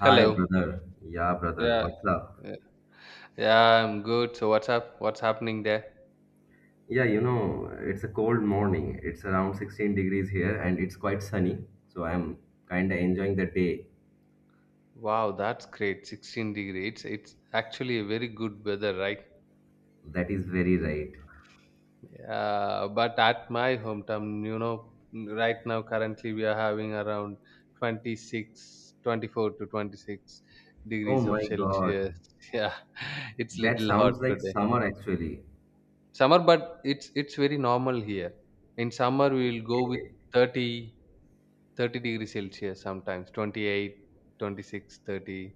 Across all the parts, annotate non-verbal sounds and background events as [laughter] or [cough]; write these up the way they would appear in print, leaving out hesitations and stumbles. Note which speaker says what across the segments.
Speaker 1: Hi,
Speaker 2: Hello.
Speaker 1: brother. Yeah, brother.
Speaker 2: Yeah.
Speaker 1: What's up?
Speaker 2: uh, Yeah, I'm good. So what's up? What's happening there?
Speaker 1: Yeah, you know, it's a cold morning. It's around 16 degrees here and it's quite sunny. So I'm kind of enjoying the day.
Speaker 2: Wow, that's great. 16 degrees. It's actually a very good weather, right?
Speaker 1: That is very right.
Speaker 2: But at my hometown, right now currently we are having around 26, 24 to 26
Speaker 1: Oh
Speaker 2: degrees of
Speaker 1: my God.
Speaker 2: Celsius. [laughs] Yeah, it's
Speaker 1: That
Speaker 2: little hot
Speaker 1: sounds like
Speaker 2: today.
Speaker 1: summer actually.
Speaker 2: Summer, but it's very normal here. In summer we will go with
Speaker 1: Okay.
Speaker 2: 30 30 degrees Celsius sometimes, 28, 26, 30.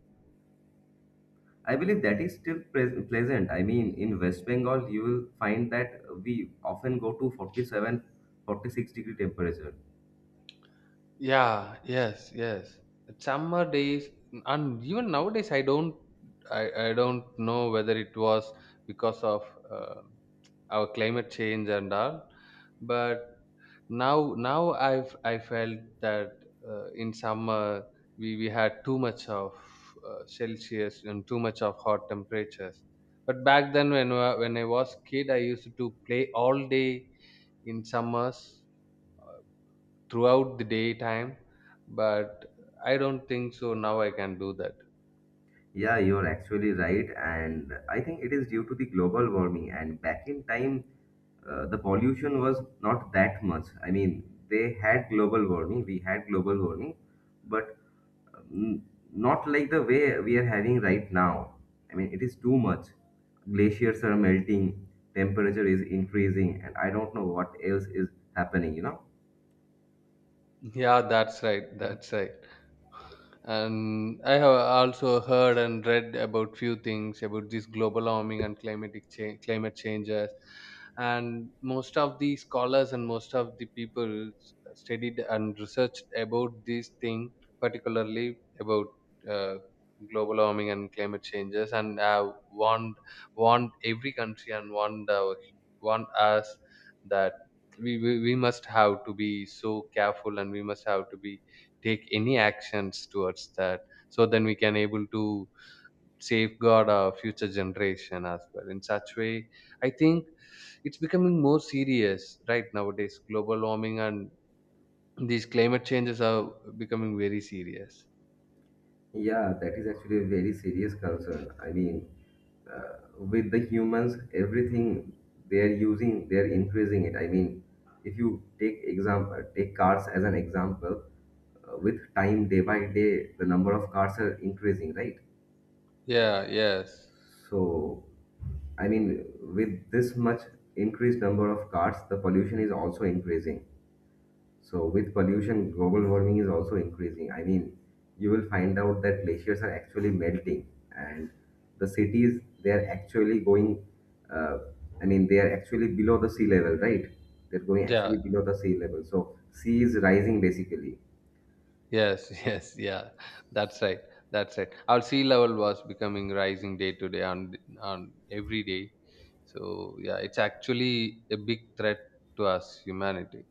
Speaker 1: I believe that is still pleasant. I mean, in West Bengal, you will find that we often go to 47, 46-degree temperature.
Speaker 2: Yeah, yes, yes. Summer days, and even nowadays, I don't know whether it was because of uh, our climate change and all, but now I felt that in summer we had too much of Celsius and too much of hot temperatures. But back then, when I was kid, I used to play all day in summers uh, throughout the daytime, but I don't think so now I can do that.
Speaker 1: Yeah, you're actually right. And I think it is due to the global warming. And back in time, the pollution was not that much. I mean, they had global warming, we had global warming, but um, not like the way we are having right now. I mean, it is too much. Glaciers are melting, temperature is increasing, and I don't know what else is happening, you know?
Speaker 2: [laughs] Yeah, that's right, that's right. And I have also heard and read about few things about this global warming and climate changes, and most of the scholars and most of the people studied and researched about this thing, particularly about uh, global warming and climate changes, and have warned every country, and warned us that we must have to be so careful, and we must have to be take any actions towards that, so then we can able to safeguard our future generation as well. In such way, I think it's becoming more serious right nowadays. Global warming and these climate changes are becoming very serious.
Speaker 1: Yeah, that is actually a very serious concern. I mean, with the humans, everything they are using, they are increasing it. I mean, if you take example, take cars as an example, with time, day by day, the number of cars are increasing, right?
Speaker 2: Yeah, yes.
Speaker 1: So, I mean, with this much increased number of cars, the pollution is also increasing. So with pollution, global warming is also increasing. I mean, you will find out that glaciers are actually melting, and the cities they are actually going. Uh, I mean, they are actually below the sea level, right? They're going
Speaker 2: Yeah,
Speaker 1: actually below the sea level. So sea is rising basically.
Speaker 2: yes. [laughs] Yes, yeah, that's right, that's right. Our sea level was becoming rising day to day, on every day. So yeah, it's actually a big threat to us humanity,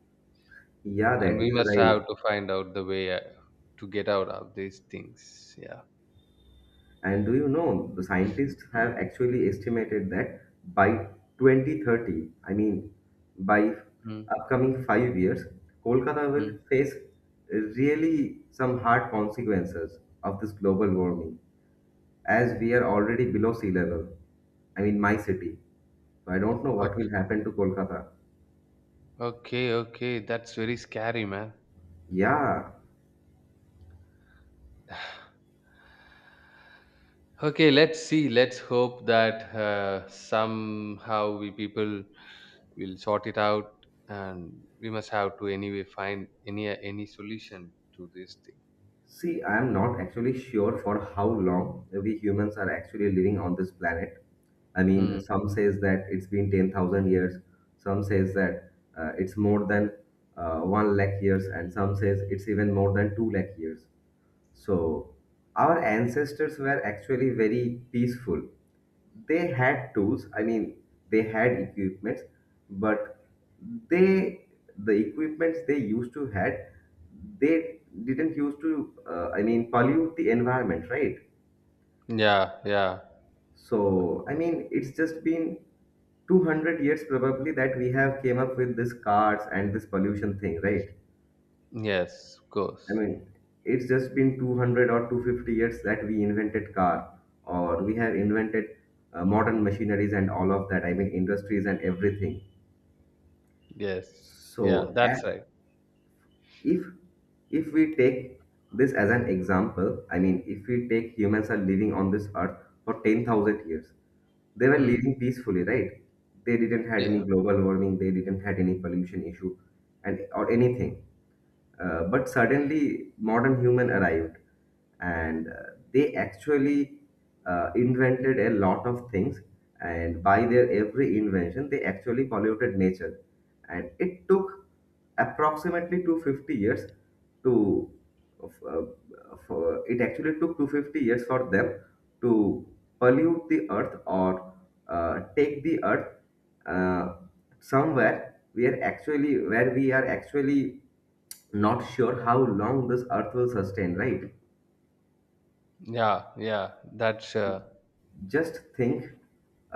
Speaker 1: Yeah, that
Speaker 2: and we
Speaker 1: is
Speaker 2: must
Speaker 1: right.
Speaker 2: have to find out the way to get out of these things. Yeah.
Speaker 1: And do you know, the scientists have
Speaker 2: mm,
Speaker 1: actually estimated that by 2030, I mean, by
Speaker 2: mm,
Speaker 1: upcoming 5 years, Kolkata
Speaker 2: mm.
Speaker 1: will face really some hard consequences of this global warming, as we are already below sea level. I mean, my city. So I don't know what will
Speaker 2: Okay,
Speaker 1: happen to Kolkata.
Speaker 2: okay, okay, that's very scary, man.
Speaker 1: Yeah.
Speaker 2: [sighs] Okay, let's see, let's hope that somehow we people will sort it out, and we must have to anyway find any solution to this thing.
Speaker 1: See, I am not actually sure for how long we humans are actually living on this planet. I
Speaker 2: Hmm.
Speaker 1: mean, some says that it's been 10,000 years, some says that it's more than 1 lakh years, and some says it's even more than 2 lakh years. So, our ancestors were actually very peaceful. They had tools, I mean, they had equipments, but they the equipments they used to had, they didn't used to pollute the environment, right?
Speaker 2: Yeah, yeah,
Speaker 1: So I mean it's just been 200 years probably that we have came up with this cars and this pollution thing, right?
Speaker 2: yes, of
Speaker 1: I
Speaker 2: course.
Speaker 1: mean, it's just been 200 or 250 years that we invented car, or we have invented modern machineries and all of that. I mean, industries and everything.
Speaker 2: Yes, yeah,
Speaker 1: So,
Speaker 2: that's right.
Speaker 1: if if we take this as an example, I mean if we take humans are living on this earth for 10,000 years, they were
Speaker 2: Hmm.
Speaker 1: living peacefully, right? They didn't had any
Speaker 2: Yeah.
Speaker 1: global warming, they didn't had any pollution issue and or anything. But suddenly modern human arrived, and they actually invented a lot of things, and by their every invention they actually polluted nature, and it took approximately 250 years to uh, it actually took 250 years for them to pollute the earth, or take the earth uh, somewhere we are actually where we are actually not sure how long this earth will sustain, right?
Speaker 2: Yeah, yeah, that's
Speaker 1: Just think,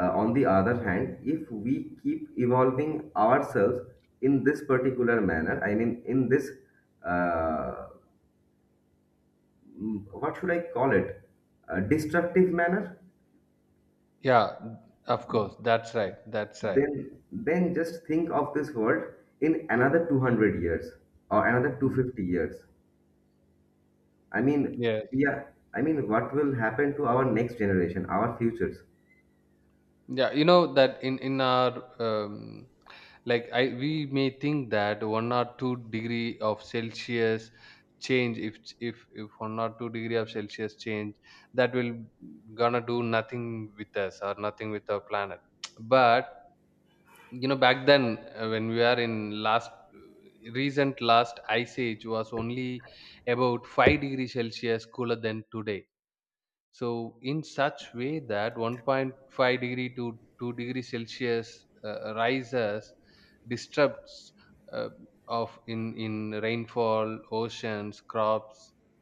Speaker 1: on the other hand if we keep evolving ourselves in this particular manner, I mean in this uh, what should I call it, a destructive manner,
Speaker 2: yeah, of course, that's right, that's right.
Speaker 1: then just think of this world in another 200 years or another
Speaker 2: Mm.
Speaker 1: 250 years. I mean,
Speaker 2: Yeah,
Speaker 1: we are. I mean, what will happen to our next generation, our futures?
Speaker 2: yeah, you know that in our, like, I we may think that 1 or 2 degree of Celsius change. If 1 or 2 degree of Celsius change, that will gonna do nothing with us or nothing with our planet, but you know back then when we are in last recent last ice age was only about 5 degrees Celsius cooler than today, so in such way that 1.5 degree to 2 degree Celsius rises disrupts uh, of in rainfall oceans crops,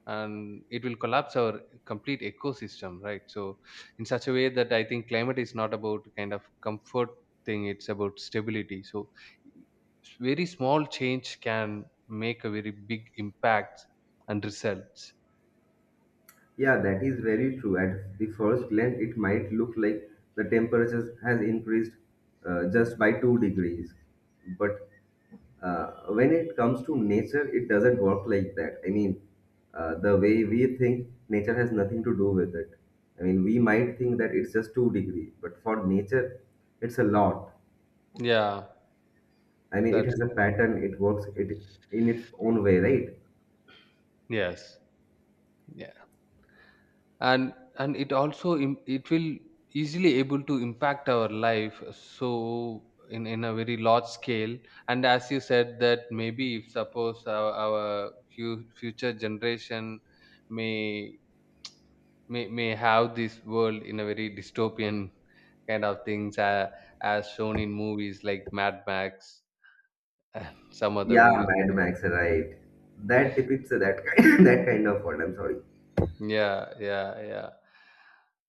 Speaker 2: and it will collapse our complete ecosystem, right? So in such a way that I think climate is not about kind of comfort thing, it's about stability. So very small change can make a very big impact and results.
Speaker 1: Yeah, that is very true. At the first glance, it might look like the temperature has increased just by 2 degrees. But when it comes to nature, it doesn't work like that. I mean, the way we think, nature has nothing to do with it. I mean, we might think that it's just two degree, but for nature, it's a lot.
Speaker 2: Yeah,
Speaker 1: I mean, it
Speaker 2: that's
Speaker 1: has a pattern. It works it in its own way, right?
Speaker 2: yes, yeah. And it also, it will easily able to impact our life so in a very large scale. And as you said, that maybe if suppose future generation may, may have this world in a very dystopian kind of things, as shown in movies like Mad Max and [laughs] some other
Speaker 1: Yeah,
Speaker 2: movies.
Speaker 1: Mad Max, right? That depicts that kind, [coughs] that kind of world. I'm sorry.
Speaker 2: Yeah, yeah, yeah.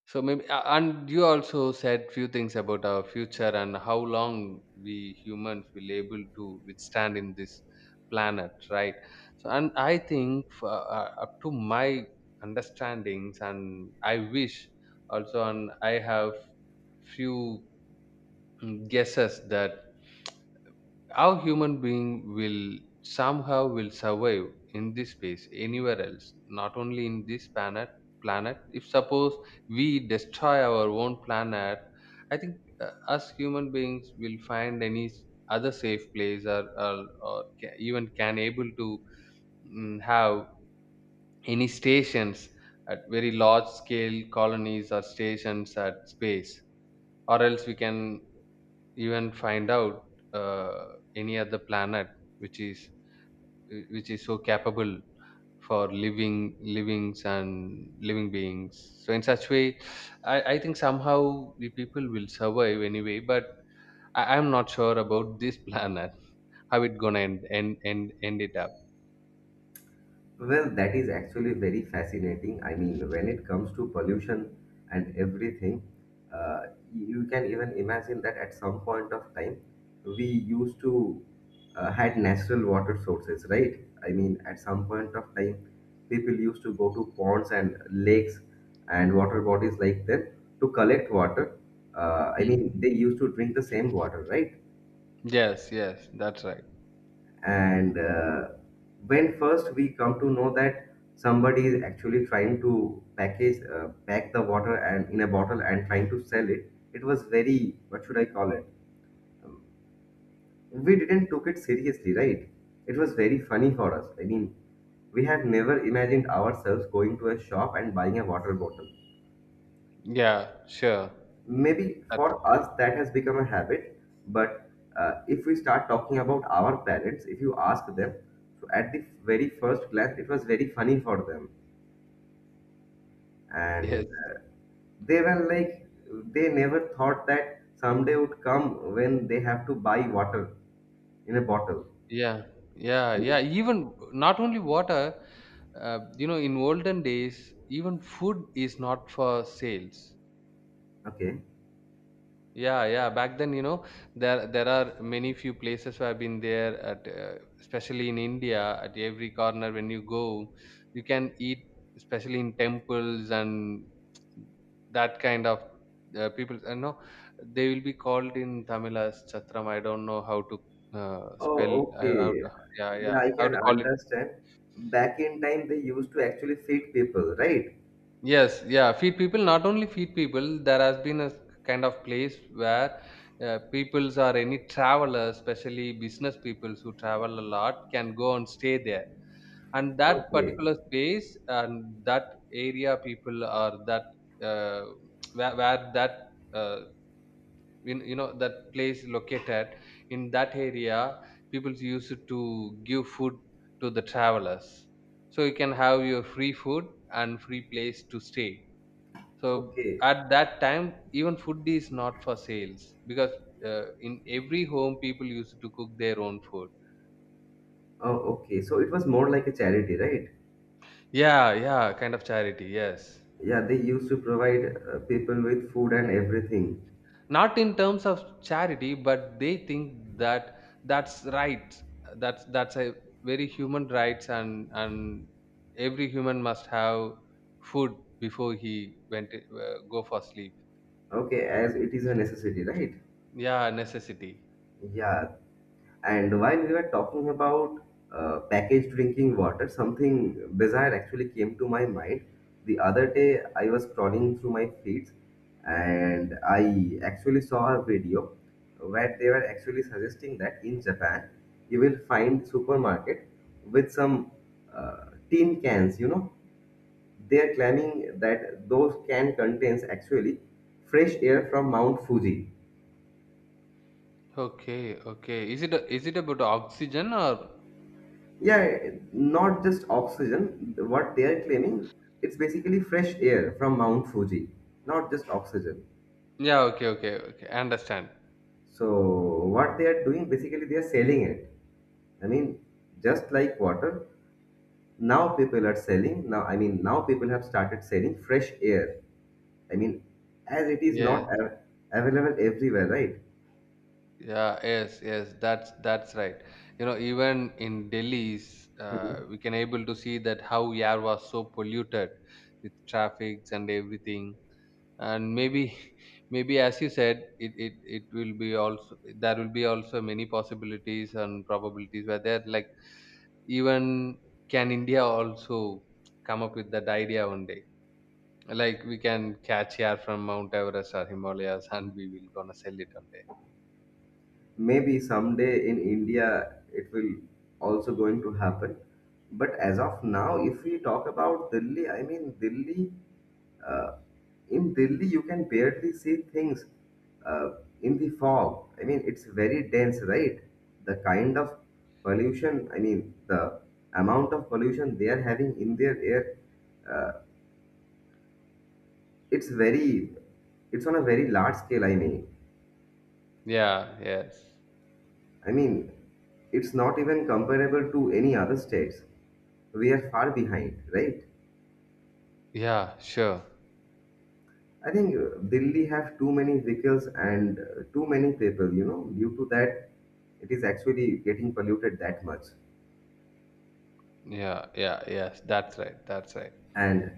Speaker 2: So maybe, and you also said few things about our future and how long we humans will able to withstand in this planet, right? So, and I think for, up to my understandings, and I wish also, and I have few, guesses that how human being will somehow will survive in this space anywhere else, not only in this planet. Planet. If suppose we destroy our own planet, I think us human beings will find any other safe place, even can able to, have any stations at very large scale colonies or stations at space, or else we can even find out uh, any other planet which is which is so capable for livings and living beings. So in such way, I think somehow the people will survive anyway, but I'm not sure about this [laughs] planet how it gonna end it up.
Speaker 1: Well, that is actually very fascinating. I mean, when it comes to pollution and everything, uh, you can even imagine that at some point of time, we used to had natural water sources, right? I mean, at some point of time, people used to go to ponds and lakes and water bodies like them to collect water. I
Speaker 2: Hmm.
Speaker 1: mean, they used to drink the same water, right?
Speaker 2: Yes, yes, that's right.
Speaker 1: And when first we come to know that somebody is actually trying to pack the water and in a bottle and trying to sell it, it was very, what should I call it, Um, we didn't took it seriously, right? It was very funny for us. I mean, we have never imagined ourselves going to a shop and buying a water bottle.
Speaker 2: Yeah, sure.
Speaker 1: Maybe
Speaker 2: That,
Speaker 1: for us that has become a habit, but if we start talking about our parents, if you ask them, so at the very first glance, it was very funny for them,
Speaker 2: yes.
Speaker 1: and they were like, they never thought that someday would come when they have to buy water in a bottle.
Speaker 2: Yeah, yeah,
Speaker 1: I
Speaker 2: yeah,
Speaker 1: mean,
Speaker 2: even not only water, in olden days even food is not for sales.
Speaker 1: okay.
Speaker 2: Yeah, yeah. Back then, there are many few places where I've been there at, especially in India. At every corner, when you go, you can eat, especially in temples and that kind of, people. I know they will be called in Tamil as chatram. I don't know how to
Speaker 1: Oh,
Speaker 2: spell. How
Speaker 1: okay.
Speaker 2: to, yeah,
Speaker 1: Yeah,
Speaker 2: yeah.
Speaker 1: I
Speaker 2: How
Speaker 1: can
Speaker 2: to call it?
Speaker 1: understand. Back in time, they used to actually feed people, right?
Speaker 2: Yes, yeah, feed people. Not only feed people, there has been a kind of place where, peoples or any travelers, especially business peoples who travel a lot, can go and stay there. And that
Speaker 1: Okay,
Speaker 2: particular space and that area, people or that, uh, where that uh, in, you know that place located in that area, people used to give food to the travelers. So you can have your free food and free place to stay, so
Speaker 1: okay.
Speaker 2: at that time even food is not for sales because in every home people used to cook their own food.
Speaker 1: Oh, okay. So it was more like a charity, right?
Speaker 2: Yeah, yeah, kind of charity, yes.
Speaker 1: Yeah, they used to provide people with food and everything.
Speaker 2: Not in terms of charity, but they think that that's right, that's a very human rights, and every human must have food before he went go for sleep.
Speaker 1: Okay, as it is a necessity, right?
Speaker 2: Yeah, necessity.
Speaker 1: Yeah. And while we were talking about packaged drinking water, something bizarre actually came to my mind. The other day, I was scrolling through my feeds and I actually saw a video where they were actually suggesting that in Japan, you will find supermarket with some tin cans, you know. They are claiming that those can contains actually fresh air from Mount Fuji.
Speaker 2: Okay, okay, is it about oxygen or.
Speaker 1: Yeah, not just oxygen. What they are claiming, it's basically fresh air from Mount Fuji, not just oxygen.
Speaker 2: Yeah, okay, okay, okay. I understand.
Speaker 1: So what they are doing, basically they are selling it. I mean, just like water, now people are selling. Now, I mean, now people have started selling fresh air. I mean, as it is
Speaker 2: Yeah,
Speaker 1: not available everywhere, right?
Speaker 2: yeah, yes, yes. That's right. You know, even in Delhi's, we can able to see that how air was so polluted with traffics and everything. And maybe, [laughs] maybe as you said, it will be also there will be also many possibilities and probabilities where there like, even can India also come up with that idea one day. Like we can catch here from Mount Everest or Himalayas [laughs] and we will gonna sell it one day.
Speaker 1: Maybe someday in India it will also going to happen. But as of now, if we talk about Delhi, I mean Delhi, uh, in Delhi you can barely see things uh, in the fog. I mean it's very dense, right? The kind of pollution, I mean the amount of pollution they are having in their air, uh, it's very, it's on a very large scale. I mean.
Speaker 2: Yeah, yes.
Speaker 1: I mean, it's not even comparable to any other states. We are far behind, right?
Speaker 2: Yeah, sure.
Speaker 1: I think Delhi have too many vehicles and too many people, you know, due to that it is actually getting polluted that much.
Speaker 2: Yeah, yeah, yes, that's right, that's right.
Speaker 1: And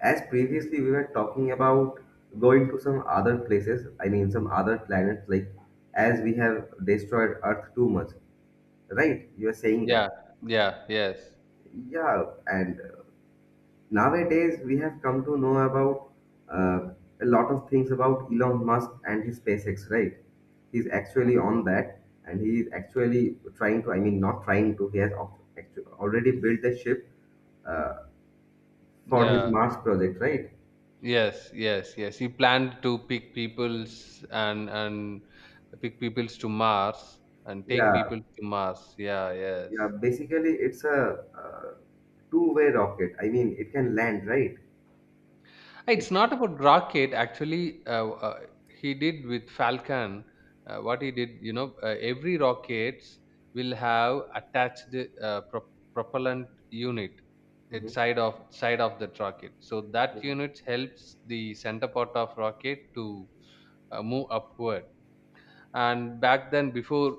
Speaker 1: as previously we were talking about going to some other places, I mean some other planets, like as we have destroyed Earth too much, right? You are saying
Speaker 2: Yeah,
Speaker 1: that.
Speaker 2: yeah, yes,
Speaker 1: Yeah, and nowadays, we have come to know about uh, a lot of things about Elon Musk and his SpaceX, right? He's actually on that, and he is actually trying to, I mean, not trying to, he has already built a ship uh, for his
Speaker 2: yeah,
Speaker 1: Mars project, right?
Speaker 2: yes. Yes, yes, he planned to pick peoples and pick peoples to Mars and take
Speaker 1: Yeah,
Speaker 2: people to Mars, yeah, yes.
Speaker 1: yeah. Basically, it's a two-way rocket. I mean, it can land, right?
Speaker 2: Hey,
Speaker 1: It
Speaker 2: it's not
Speaker 1: can.
Speaker 2: about rocket. Actually, he did with Falcon. What he did, every rockets will have attached propellant unit at
Speaker 1: Mhm,
Speaker 2: side of the rocket. So that
Speaker 1: mhm.
Speaker 2: unit helps the center part of rocket to move upward. And back then, before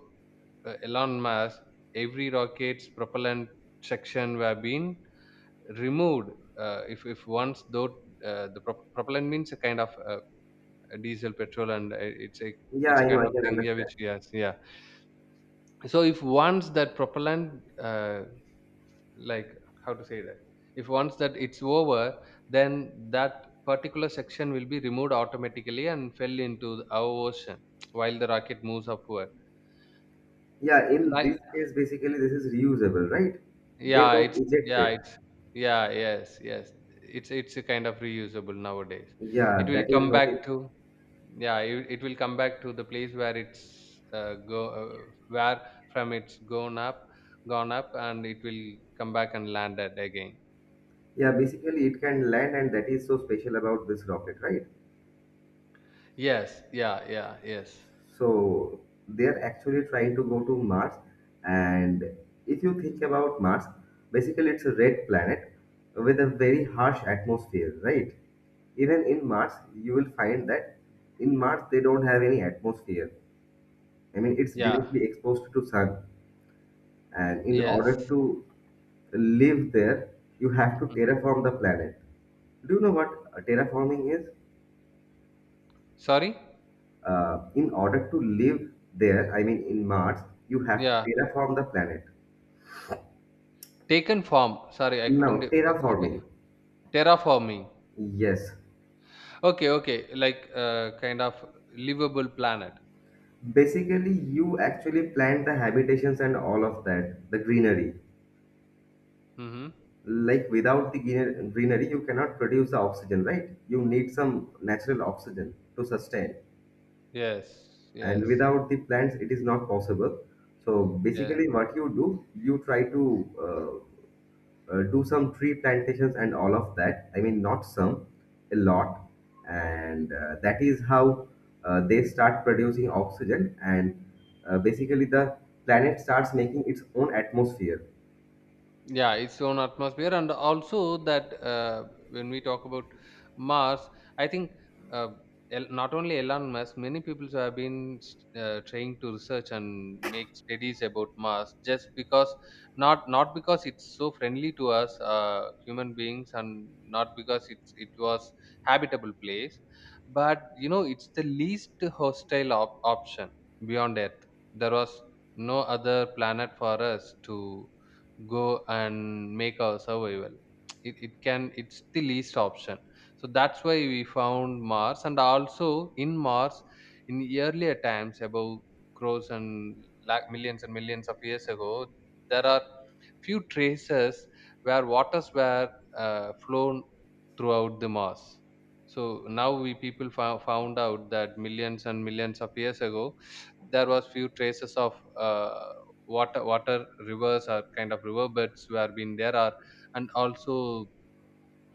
Speaker 2: Elon Musk, every rocket's propellant section were being removed if once though the propellant means a kind of diesel petrol, and it's a
Speaker 1: Yeah,
Speaker 2: it's a
Speaker 1: I know,
Speaker 2: kind
Speaker 1: I
Speaker 2: of
Speaker 1: can
Speaker 2: thing, yeah,
Speaker 1: understand.
Speaker 2: which, yes, yeah. So if once that propellant like, how to say that, if once that it's over, then that particular section will be removed automatically and fell into our ocean while the rocket moves upward.
Speaker 1: Yeah, in
Speaker 2: Like,
Speaker 1: this case, basically, this is reusable, right? They
Speaker 2: yeah,
Speaker 1: don't
Speaker 2: it's,
Speaker 1: eject
Speaker 2: yeah,
Speaker 1: it.
Speaker 2: it's, yeah, yes, yes, it's a kind of reusable nowadays. It
Speaker 1: Yeah,
Speaker 2: will
Speaker 1: that is
Speaker 2: come
Speaker 1: what it,
Speaker 2: back to, yeah, it will come back to the place where it's go where from it's gone up, and it will come back and land at again.
Speaker 1: yeah, basically it can land and that is so special about this rocket, right?
Speaker 2: Yes, yeah, yeah, yes,
Speaker 1: So they are actually trying to go to Mars, and if you think about Mars, basically it's a red planet with a very harsh atmosphere, right? Even in Mars, you will find that in Mars they don't have any atmosphere. I mean, it's
Speaker 2: yeah,
Speaker 1: directly exposed to sun, and in
Speaker 2: yes.
Speaker 1: order to live there, you have to
Speaker 2: Mm.
Speaker 1: terraform the planet. Do you know what terraforming is?
Speaker 2: Sorry.
Speaker 1: In order to live there, I mean in Mars, you have to
Speaker 2: Yeah,
Speaker 1: terraform the planet.
Speaker 2: taken form, sorry, I couldn't,
Speaker 1: Now,
Speaker 2: he-
Speaker 1: terraforming.
Speaker 2: terraforming.
Speaker 1: Yes.
Speaker 2: Okay, okay, like, kind of livable planet.
Speaker 1: Basically, you actually plant the habitations and all of that, the greenery.
Speaker 2: Mm-hmm.
Speaker 1: Like without the greenery, you cannot produce the oxygen, right? You need some natural oxygen to sustain.
Speaker 2: Yes,
Speaker 1: And
Speaker 2: yes,
Speaker 1: without the plants, it is not possible. So
Speaker 2: yes.
Speaker 1: basically, what you do, you try to uh, do some tree plantations and all of that. I mean, not some, a lot. And that is how they start producing oxygen, and basically, the planet starts making its own atmosphere.
Speaker 2: Yeah, its own atmosphere, and also that when we talk about Mars, I think uh, not only Elon Musk, many people have been trying to research and make studies about Mars, just because not because it's so friendly to us, human beings, and not because it was habitable place, but you know it's the least hostile option beyond Earth. There was no other planet for us to go and make our survival. It can it's the least option. So that's why we found Mars, and also in Mars in earlier times above crores and like millions and millions of years ago there are few traces where waters were flown throughout the Mars. So now we people found out that millions and millions of years ago, there was few traces of uh, water rivers or kind of river beds were been there are, and also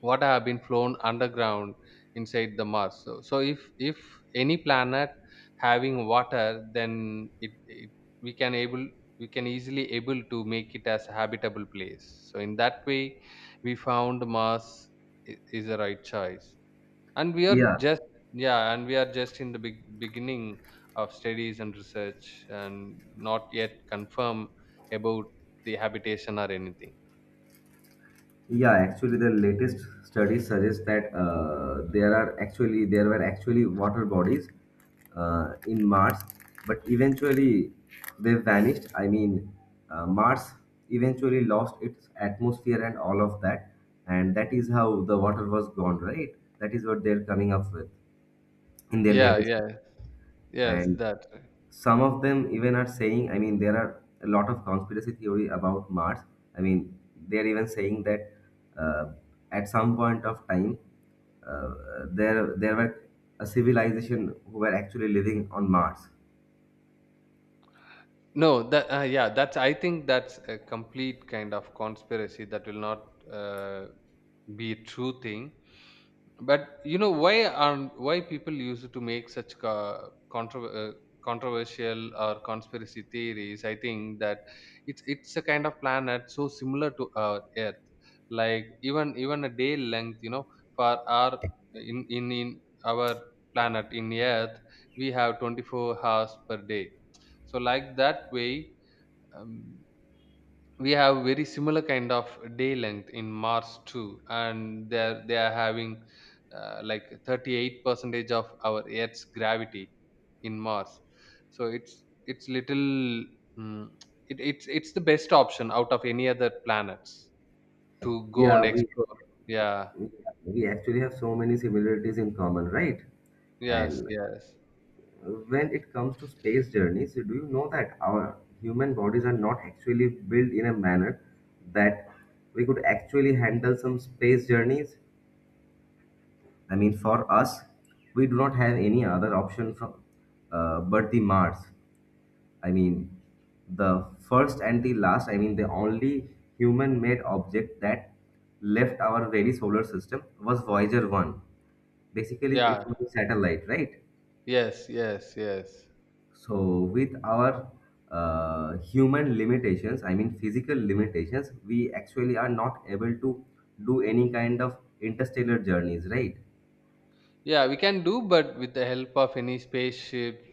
Speaker 2: water have been flown underground inside the mars. So if any planet having water, then it we can able we can easily able to make it as a habitable place. So in that way we found mars is a right choice, and we are
Speaker 1: Yeah.
Speaker 2: just, yeah, and we are just in the big beginning of studies and research and not yet confirm about the habitation or anything.
Speaker 1: Yeah, actually, the latest studies suggest that there were actually water bodies in Mars, but eventually they vanished. I mean, Mars eventually lost its atmosphere and all of that, and that is how the water was gone, right? That is what they're coming up with in their
Speaker 2: yeah
Speaker 1: latest,
Speaker 2: yeah yes
Speaker 1: and
Speaker 2: that
Speaker 1: some of them even are saying, I mean, there are a lot of conspiracy theory about Mars. I mean, they're even saying that uh, at some point of time, uh, there were a civilization who were actually living on Mars.
Speaker 2: No, that yeah, that's, I think, that's a complete kind of conspiracy that will not uh, be a true thing. But you know, why are, why people use it to make such controversial or conspiracy theories? I think that it's a kind of planet so similar to our Earth, like even a day length, you know, for our in our planet in Earth, we have 24 hours per day. So like that way, um, we have very similar kind of day length in Mars too, and they are having like 38 percentage of our Earth's gravity in Mars. So it's little, mm, it's the best option out of any other planets to go and
Speaker 1: Yeah, we
Speaker 2: explore. Yeah.
Speaker 1: we actually have so many similarities in common, right?
Speaker 2: Yes.
Speaker 1: And
Speaker 2: Yes.
Speaker 1: when it comes to space journeys, do you know that our human bodies are not actually built in a manner that we could actually handle some space journeys? I mean, for us, we do not have any other option from but the Mars. I mean, the first and the last. I mean, the only human-made object that left our very solar system was Voyager One. Basically,
Speaker 2: Yeah.
Speaker 1: it was a satellite, right?
Speaker 2: Yes. Yes. Yes.
Speaker 1: So, with our human limitations, I mean physical limitations, we actually are not able to do any kind of interstellar journeys, right?
Speaker 2: Yeah, we can do, but with the help of any spaceships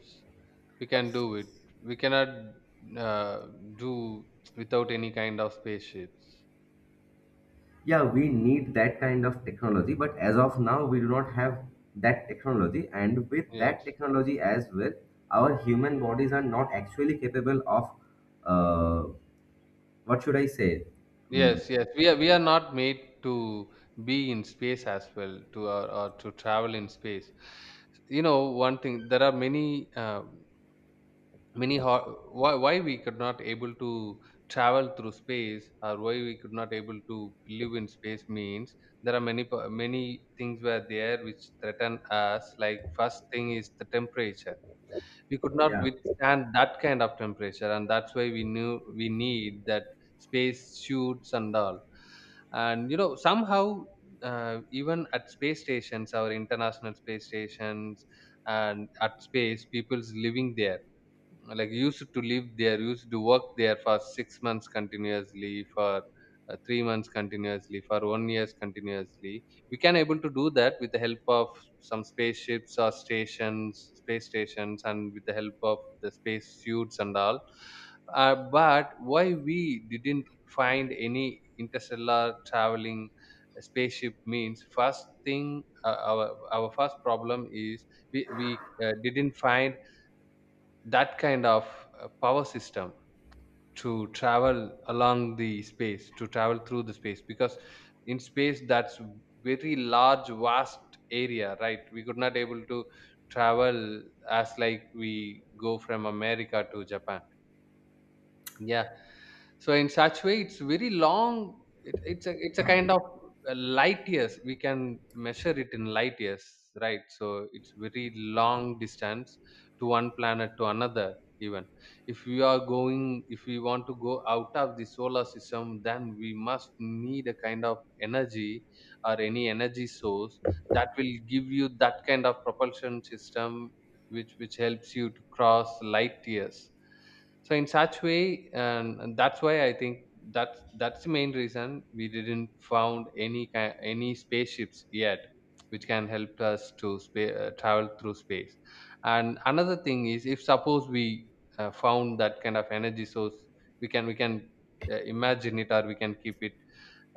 Speaker 2: we can do it. We cannot, uh, do without any kind of spaceships.
Speaker 1: Yeah, we need that kind of technology, but as of now, we do not have that technology. And with that
Speaker 2: yes
Speaker 1: technology as well, our human bodies are not actually capable of, uh, what should I say?
Speaker 2: yes
Speaker 1: Mm,
Speaker 2: yes We are, we are not made to be in space as well, to, or to travel in space. You know, one thing, there are many why we could not able to travel through space, or why we could not able to live in space means there are many things were there which threaten us. Like first thing is the temperature. We could not
Speaker 1: yeah,
Speaker 2: withstand that kind of temperature, and that's why we knew we need that space suits and all. And you know, somehow, even at space stations, our international space stations, and at space, people's living there, like used to live there, used to work there for 6 months continuously, for 3 months continuously, for 1 years continuously. We can able to do that with the help of some spaceships or stations, space stations, and with the help of the space suits and all. But why we didn't find any interstellar traveling spaceship means, first thing, our first problem is, we didn't find that kind of power system to travel along the space, to travel through the space, because in space that's very large vast area, right? We could not able to travel as like we go from america to japan. Yeah. So in such way it's very long. It's a kind of a light years. We can measure it in light years, right? So it's very long distance to one planet to another. Even if we are going, if we want to go out of the solar system, then we must need a kind of energy, or any energy source, that will give you that kind of propulsion system which helps you to cross light years. So in such way, and that's why I think that's the main reason we didn't found any any spaceships yet which can help us to travel through space. And another thing is, if suppose we found that kind of energy source, we can imagine it, or we can keep it,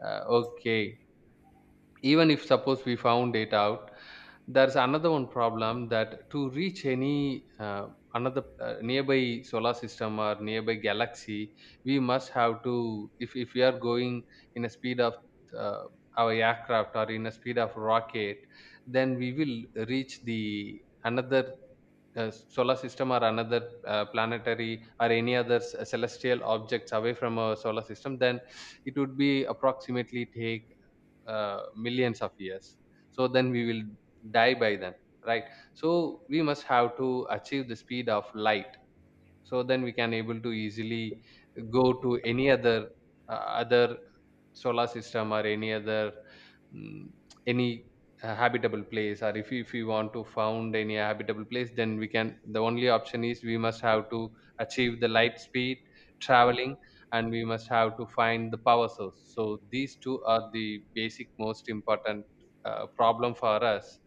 Speaker 2: okay. Even if suppose we found it out, there's another one problem that to reach any another nearby solar system or nearby galaxy, we must have to, if we are going in a speed of uh, our aircraft, or in a speed of rocket, then we will reach the another solar system, or another planetary, or any other celestial objects away from our solar system. Then it would be approximately take millions of years. So then we will die by then, right? So we must have to achieve the speed of light. So then we can able to easily go to any other other solar system, or any other, mm, any habitable place. Or if you want to found any habitable place, then we can, the only option is we must have to achieve the light speed traveling. And we must have to find the power source. So these two are the basic most important problem for us.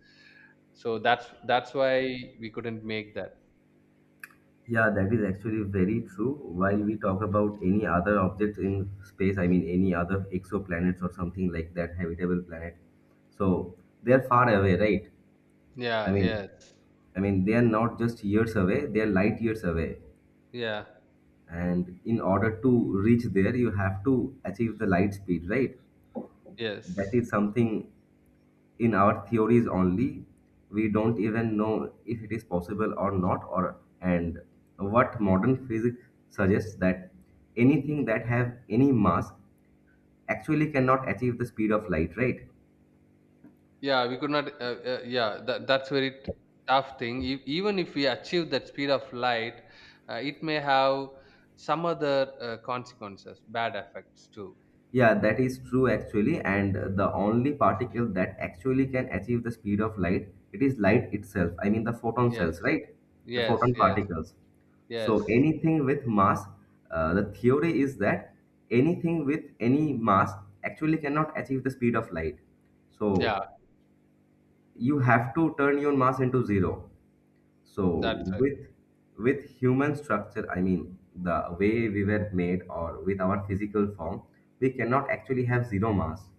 Speaker 2: So that's why we couldn't make that.
Speaker 1: yeah, that is actually very true. While we talk about any other object in space, I mean any other exoplanets or something like that, habitable planet. So they are far away, right? I
Speaker 2: Yeah.
Speaker 1: mean,
Speaker 2: Yes.
Speaker 1: I mean they are not just years away; they are light years away.
Speaker 2: Yeah.
Speaker 1: And in order to reach there, you have to achieve the light speed, right? That
Speaker 2: Yes.
Speaker 1: is something in our theories only. We don't even know if it is possible or not, or and what modern physics suggests that anything that have any mass actually cannot achieve the speed of light, right?
Speaker 2: Yeah, we could not. Yeah, that's very tough thing. Even if we achieve that speed of light, it may have some other consequences, bad effects too.
Speaker 1: Yeah, that is true actually. And the only particle that actually can achieve the speed of light, it is light itself. I mean the photon
Speaker 2: Yes,
Speaker 1: cells, right? The
Speaker 2: yes,
Speaker 1: photon
Speaker 2: yes,
Speaker 1: particles. So
Speaker 2: yes.
Speaker 1: anything with mass, the theory is that anything with any mass actually cannot achieve the speed of light.
Speaker 2: Yeah,
Speaker 1: So you have to turn your mass into zero. So
Speaker 2: that's right.
Speaker 1: with human structure, I mean the way we were made or with our physical form, we cannot actually have zero mass.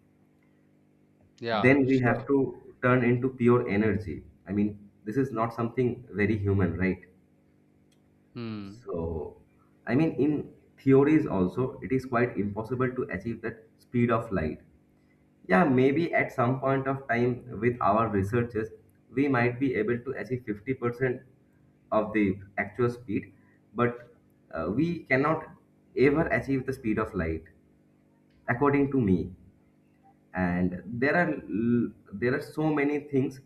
Speaker 2: Yeah,
Speaker 1: Then we
Speaker 2: sure.
Speaker 1: have to turn into pure energy. I mean, this is not something very human, right?
Speaker 2: Hmm.
Speaker 1: So, I mean, in theories also, it is quite impossible to achieve that speed of light. Yeah, maybe at some point of time with our researches, we might be able to achieve 50% of the actual speed, but we cannot ever achieve the speed of light, according to me. And there are there are so many things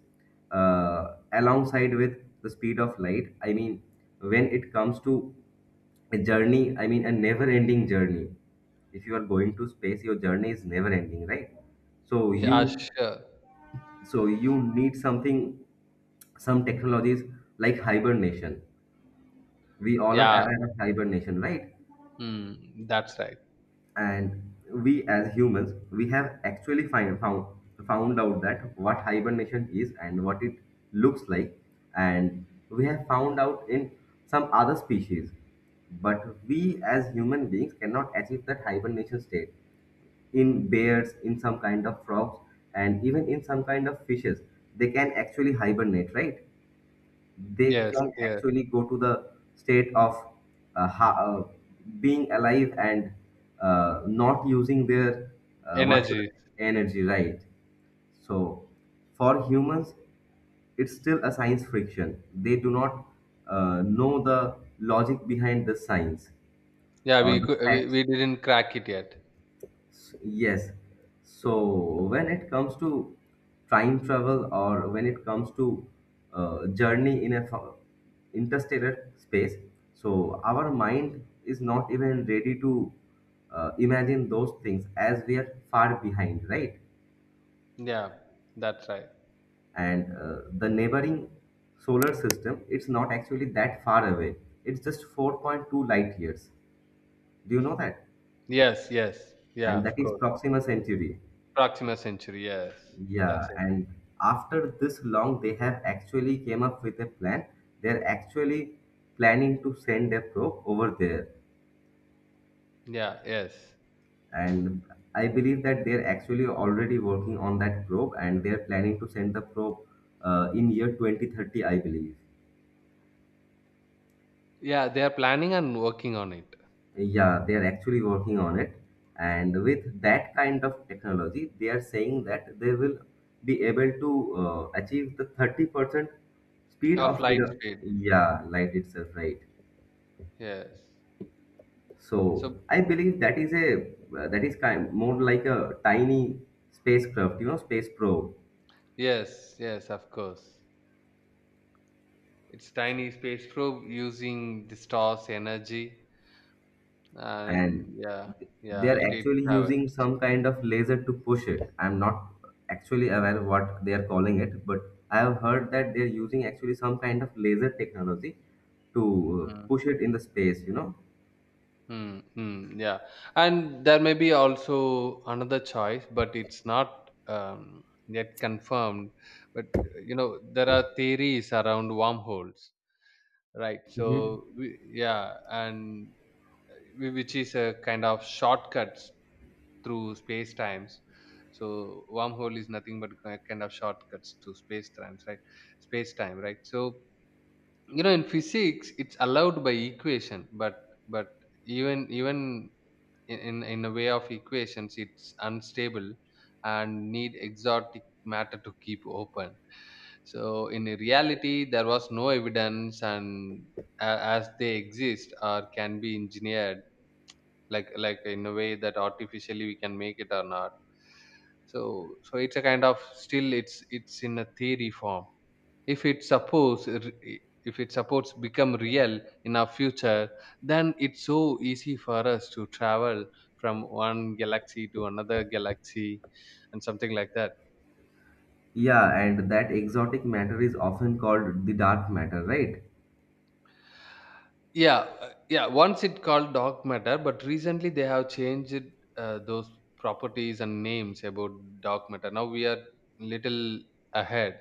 Speaker 1: alongside with the speed of light. I mean, when it comes to a journey, I mean a never-ending journey. If you are going to space, your journey is never-ending, right? So Mm. you
Speaker 2: Yeah, sure.
Speaker 1: so you need something, some technologies like hibernation. We all are
Speaker 2: Yeah.
Speaker 1: aware of hibernation, right?
Speaker 2: Hmm. That's right.
Speaker 1: And we as humans, we have actually found found out that what hibernation is and what it looks like, and we have found out in some other species, but we as human beings cannot achieve that hibernation state. In bears, in some kind of frogs, and even in some kind of fishes, they can actually hibernate, right? They
Speaker 2: Yes,
Speaker 1: can
Speaker 2: yes.
Speaker 1: actually go to the state of uh, ha- uh, being alive and not using their
Speaker 2: Energy.
Speaker 1: energy, right? So for humans, it's still a science friction. They do not know the logic behind the science
Speaker 2: Yeah,
Speaker 1: or
Speaker 2: we
Speaker 1: the
Speaker 2: could. We,
Speaker 1: facts.
Speaker 2: we didn't crack it yet.
Speaker 1: Yes. So when it comes to time travel, or when it comes to journey in a interstellar space, so our mind is not even ready to imagine those things as we are far behind, right?
Speaker 2: Yeah, that's right.
Speaker 1: And the neighboring solar system, it's not actually that far away. It's just 4.2 light years. Do you know that?
Speaker 2: Yes, yes. Yeah,
Speaker 1: And that
Speaker 2: of
Speaker 1: is
Speaker 2: course.
Speaker 1: Proxima Centauri.
Speaker 2: Proxima Century. Yes,
Speaker 1: Yeah,
Speaker 2: that's it.
Speaker 1: and after this long, they have actually came up with a plan. They're actually planning to send a probe over there,
Speaker 2: Yeah, yes.
Speaker 1: and I believe that they're actually already working on that probe, and they're planning to send the probe in year 2030, I believe.
Speaker 2: Yeah, they are planning and working on it.
Speaker 1: Yeah, they are actually working on it. And with that kind of technology, they are saying that they will be able to achieve the 30% speed
Speaker 2: A
Speaker 1: of speed,
Speaker 2: flight speed.
Speaker 1: yeah, light itself, right?
Speaker 2: Yes.
Speaker 1: So
Speaker 2: So
Speaker 1: I believe that is a that is kind more like a tiny spacecraft, you know, space probe.
Speaker 2: yes, yes, of course. It's
Speaker 1: So-
Speaker 2: tiny space probe using the star's energy, and
Speaker 1: and
Speaker 2: yeah,
Speaker 1: they
Speaker 2: yeah,
Speaker 1: are
Speaker 2: it
Speaker 1: actually
Speaker 2: travels.
Speaker 1: using some kind of laser to push it. I'm not actually aware of what they are calling it, but I have heard that they are using actually some kind of laser technology to
Speaker 2: Mm,
Speaker 1: push it in the space, you know.
Speaker 2: yeah. And there may be also another choice, but it's not yet confirmed. But you know, there are theories around wormholes, right?
Speaker 1: Mhm.
Speaker 2: So we, yeah, and which is a kind of shortcuts through space times. So wormhole is nothing but kind of shortcuts to space times, right? Space time, right? So you know, in physics it's allowed by equation, but even in a way of equations it's unstable and need exotic matter to keep open. So in reality there was no evidence, and as they exist or can be engineered, like in a way that artificially we can make it or not. So it's a kind of, still it's in a theory form. If it suppose, if it supports become real in our future, then it's so easy for us to travel from one galaxy to another galaxy and something like that.
Speaker 1: Yeah, and that exotic matter is often called the dark matter, right?
Speaker 2: Yeah, yeah. Once it called Dark Matter, but recently they have changed those properties and names about Dark Matter. Now we are little ahead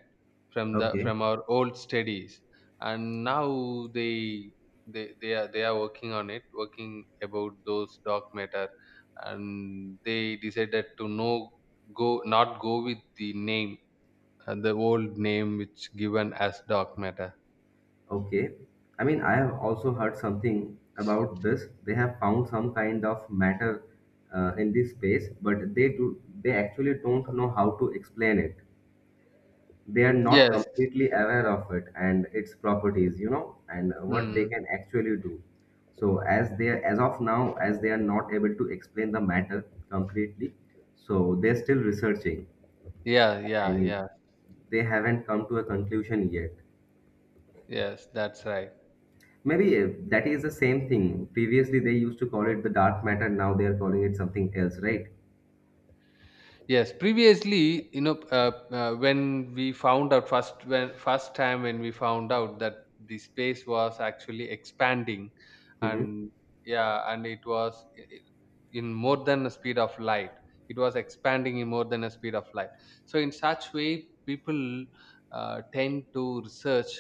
Speaker 2: from the,
Speaker 1: Okay.
Speaker 2: from our old studies, and now they, they are working on it, working about those Dark Matter, and they decided to no, go not go with the name the old name which given as Dark Matter.
Speaker 1: Okay. I mean, I have also heard something about this. They have found some kind of matter in this space, but they do they actually don't know how to explain it. They are not
Speaker 2: Yes.
Speaker 1: completely aware of it and its properties, you know, and what they
Speaker 2: Hmm.
Speaker 1: can actually do. So as they, as of now, as they are not able to explain the matter completely, so they're still researching.
Speaker 2: Yeah.
Speaker 1: I
Speaker 2: Yeah. Yeah.
Speaker 1: mean, they haven't come to a conclusion yet.
Speaker 2: Yes, that's right.
Speaker 1: Maybe that is the same thing. Previously, they used to call it the dark matter. Now they are calling it something else, right?
Speaker 2: Yes, previously, you know, when we found out first, when first time when we found out that the space was actually expanding,
Speaker 1: Mm-hmm.
Speaker 2: and yeah, and it was in more than the speed of light. It was expanding in more than the speed of light. So in such way, people tend to research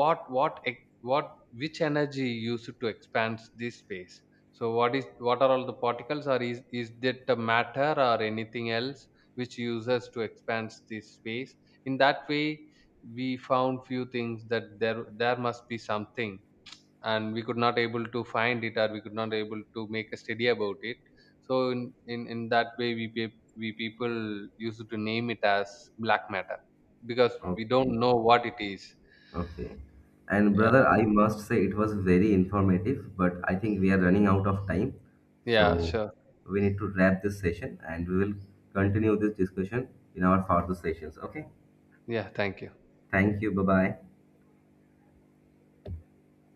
Speaker 2: what, what which energy used to expand this space, so what is, what are all the particles, or is that the matter or anything else which uses to expand this space. In that way we found few things that there must be something, and we could not able to find it, or we could not able to make a study about it. So in that way we people used to name it as black matter, because we
Speaker 1: Okay,
Speaker 2: don't know what it is.
Speaker 1: okay. And
Speaker 2: Yeah.
Speaker 1: brother, I must say it was very informative, but I think we are running out of time.
Speaker 2: Yeah,
Speaker 1: So
Speaker 2: sure.
Speaker 1: we need to wrap this session and we will continue this discussion in our further sessions. Okay.
Speaker 2: Yeah, thank you.
Speaker 1: Thank you. Bye bye.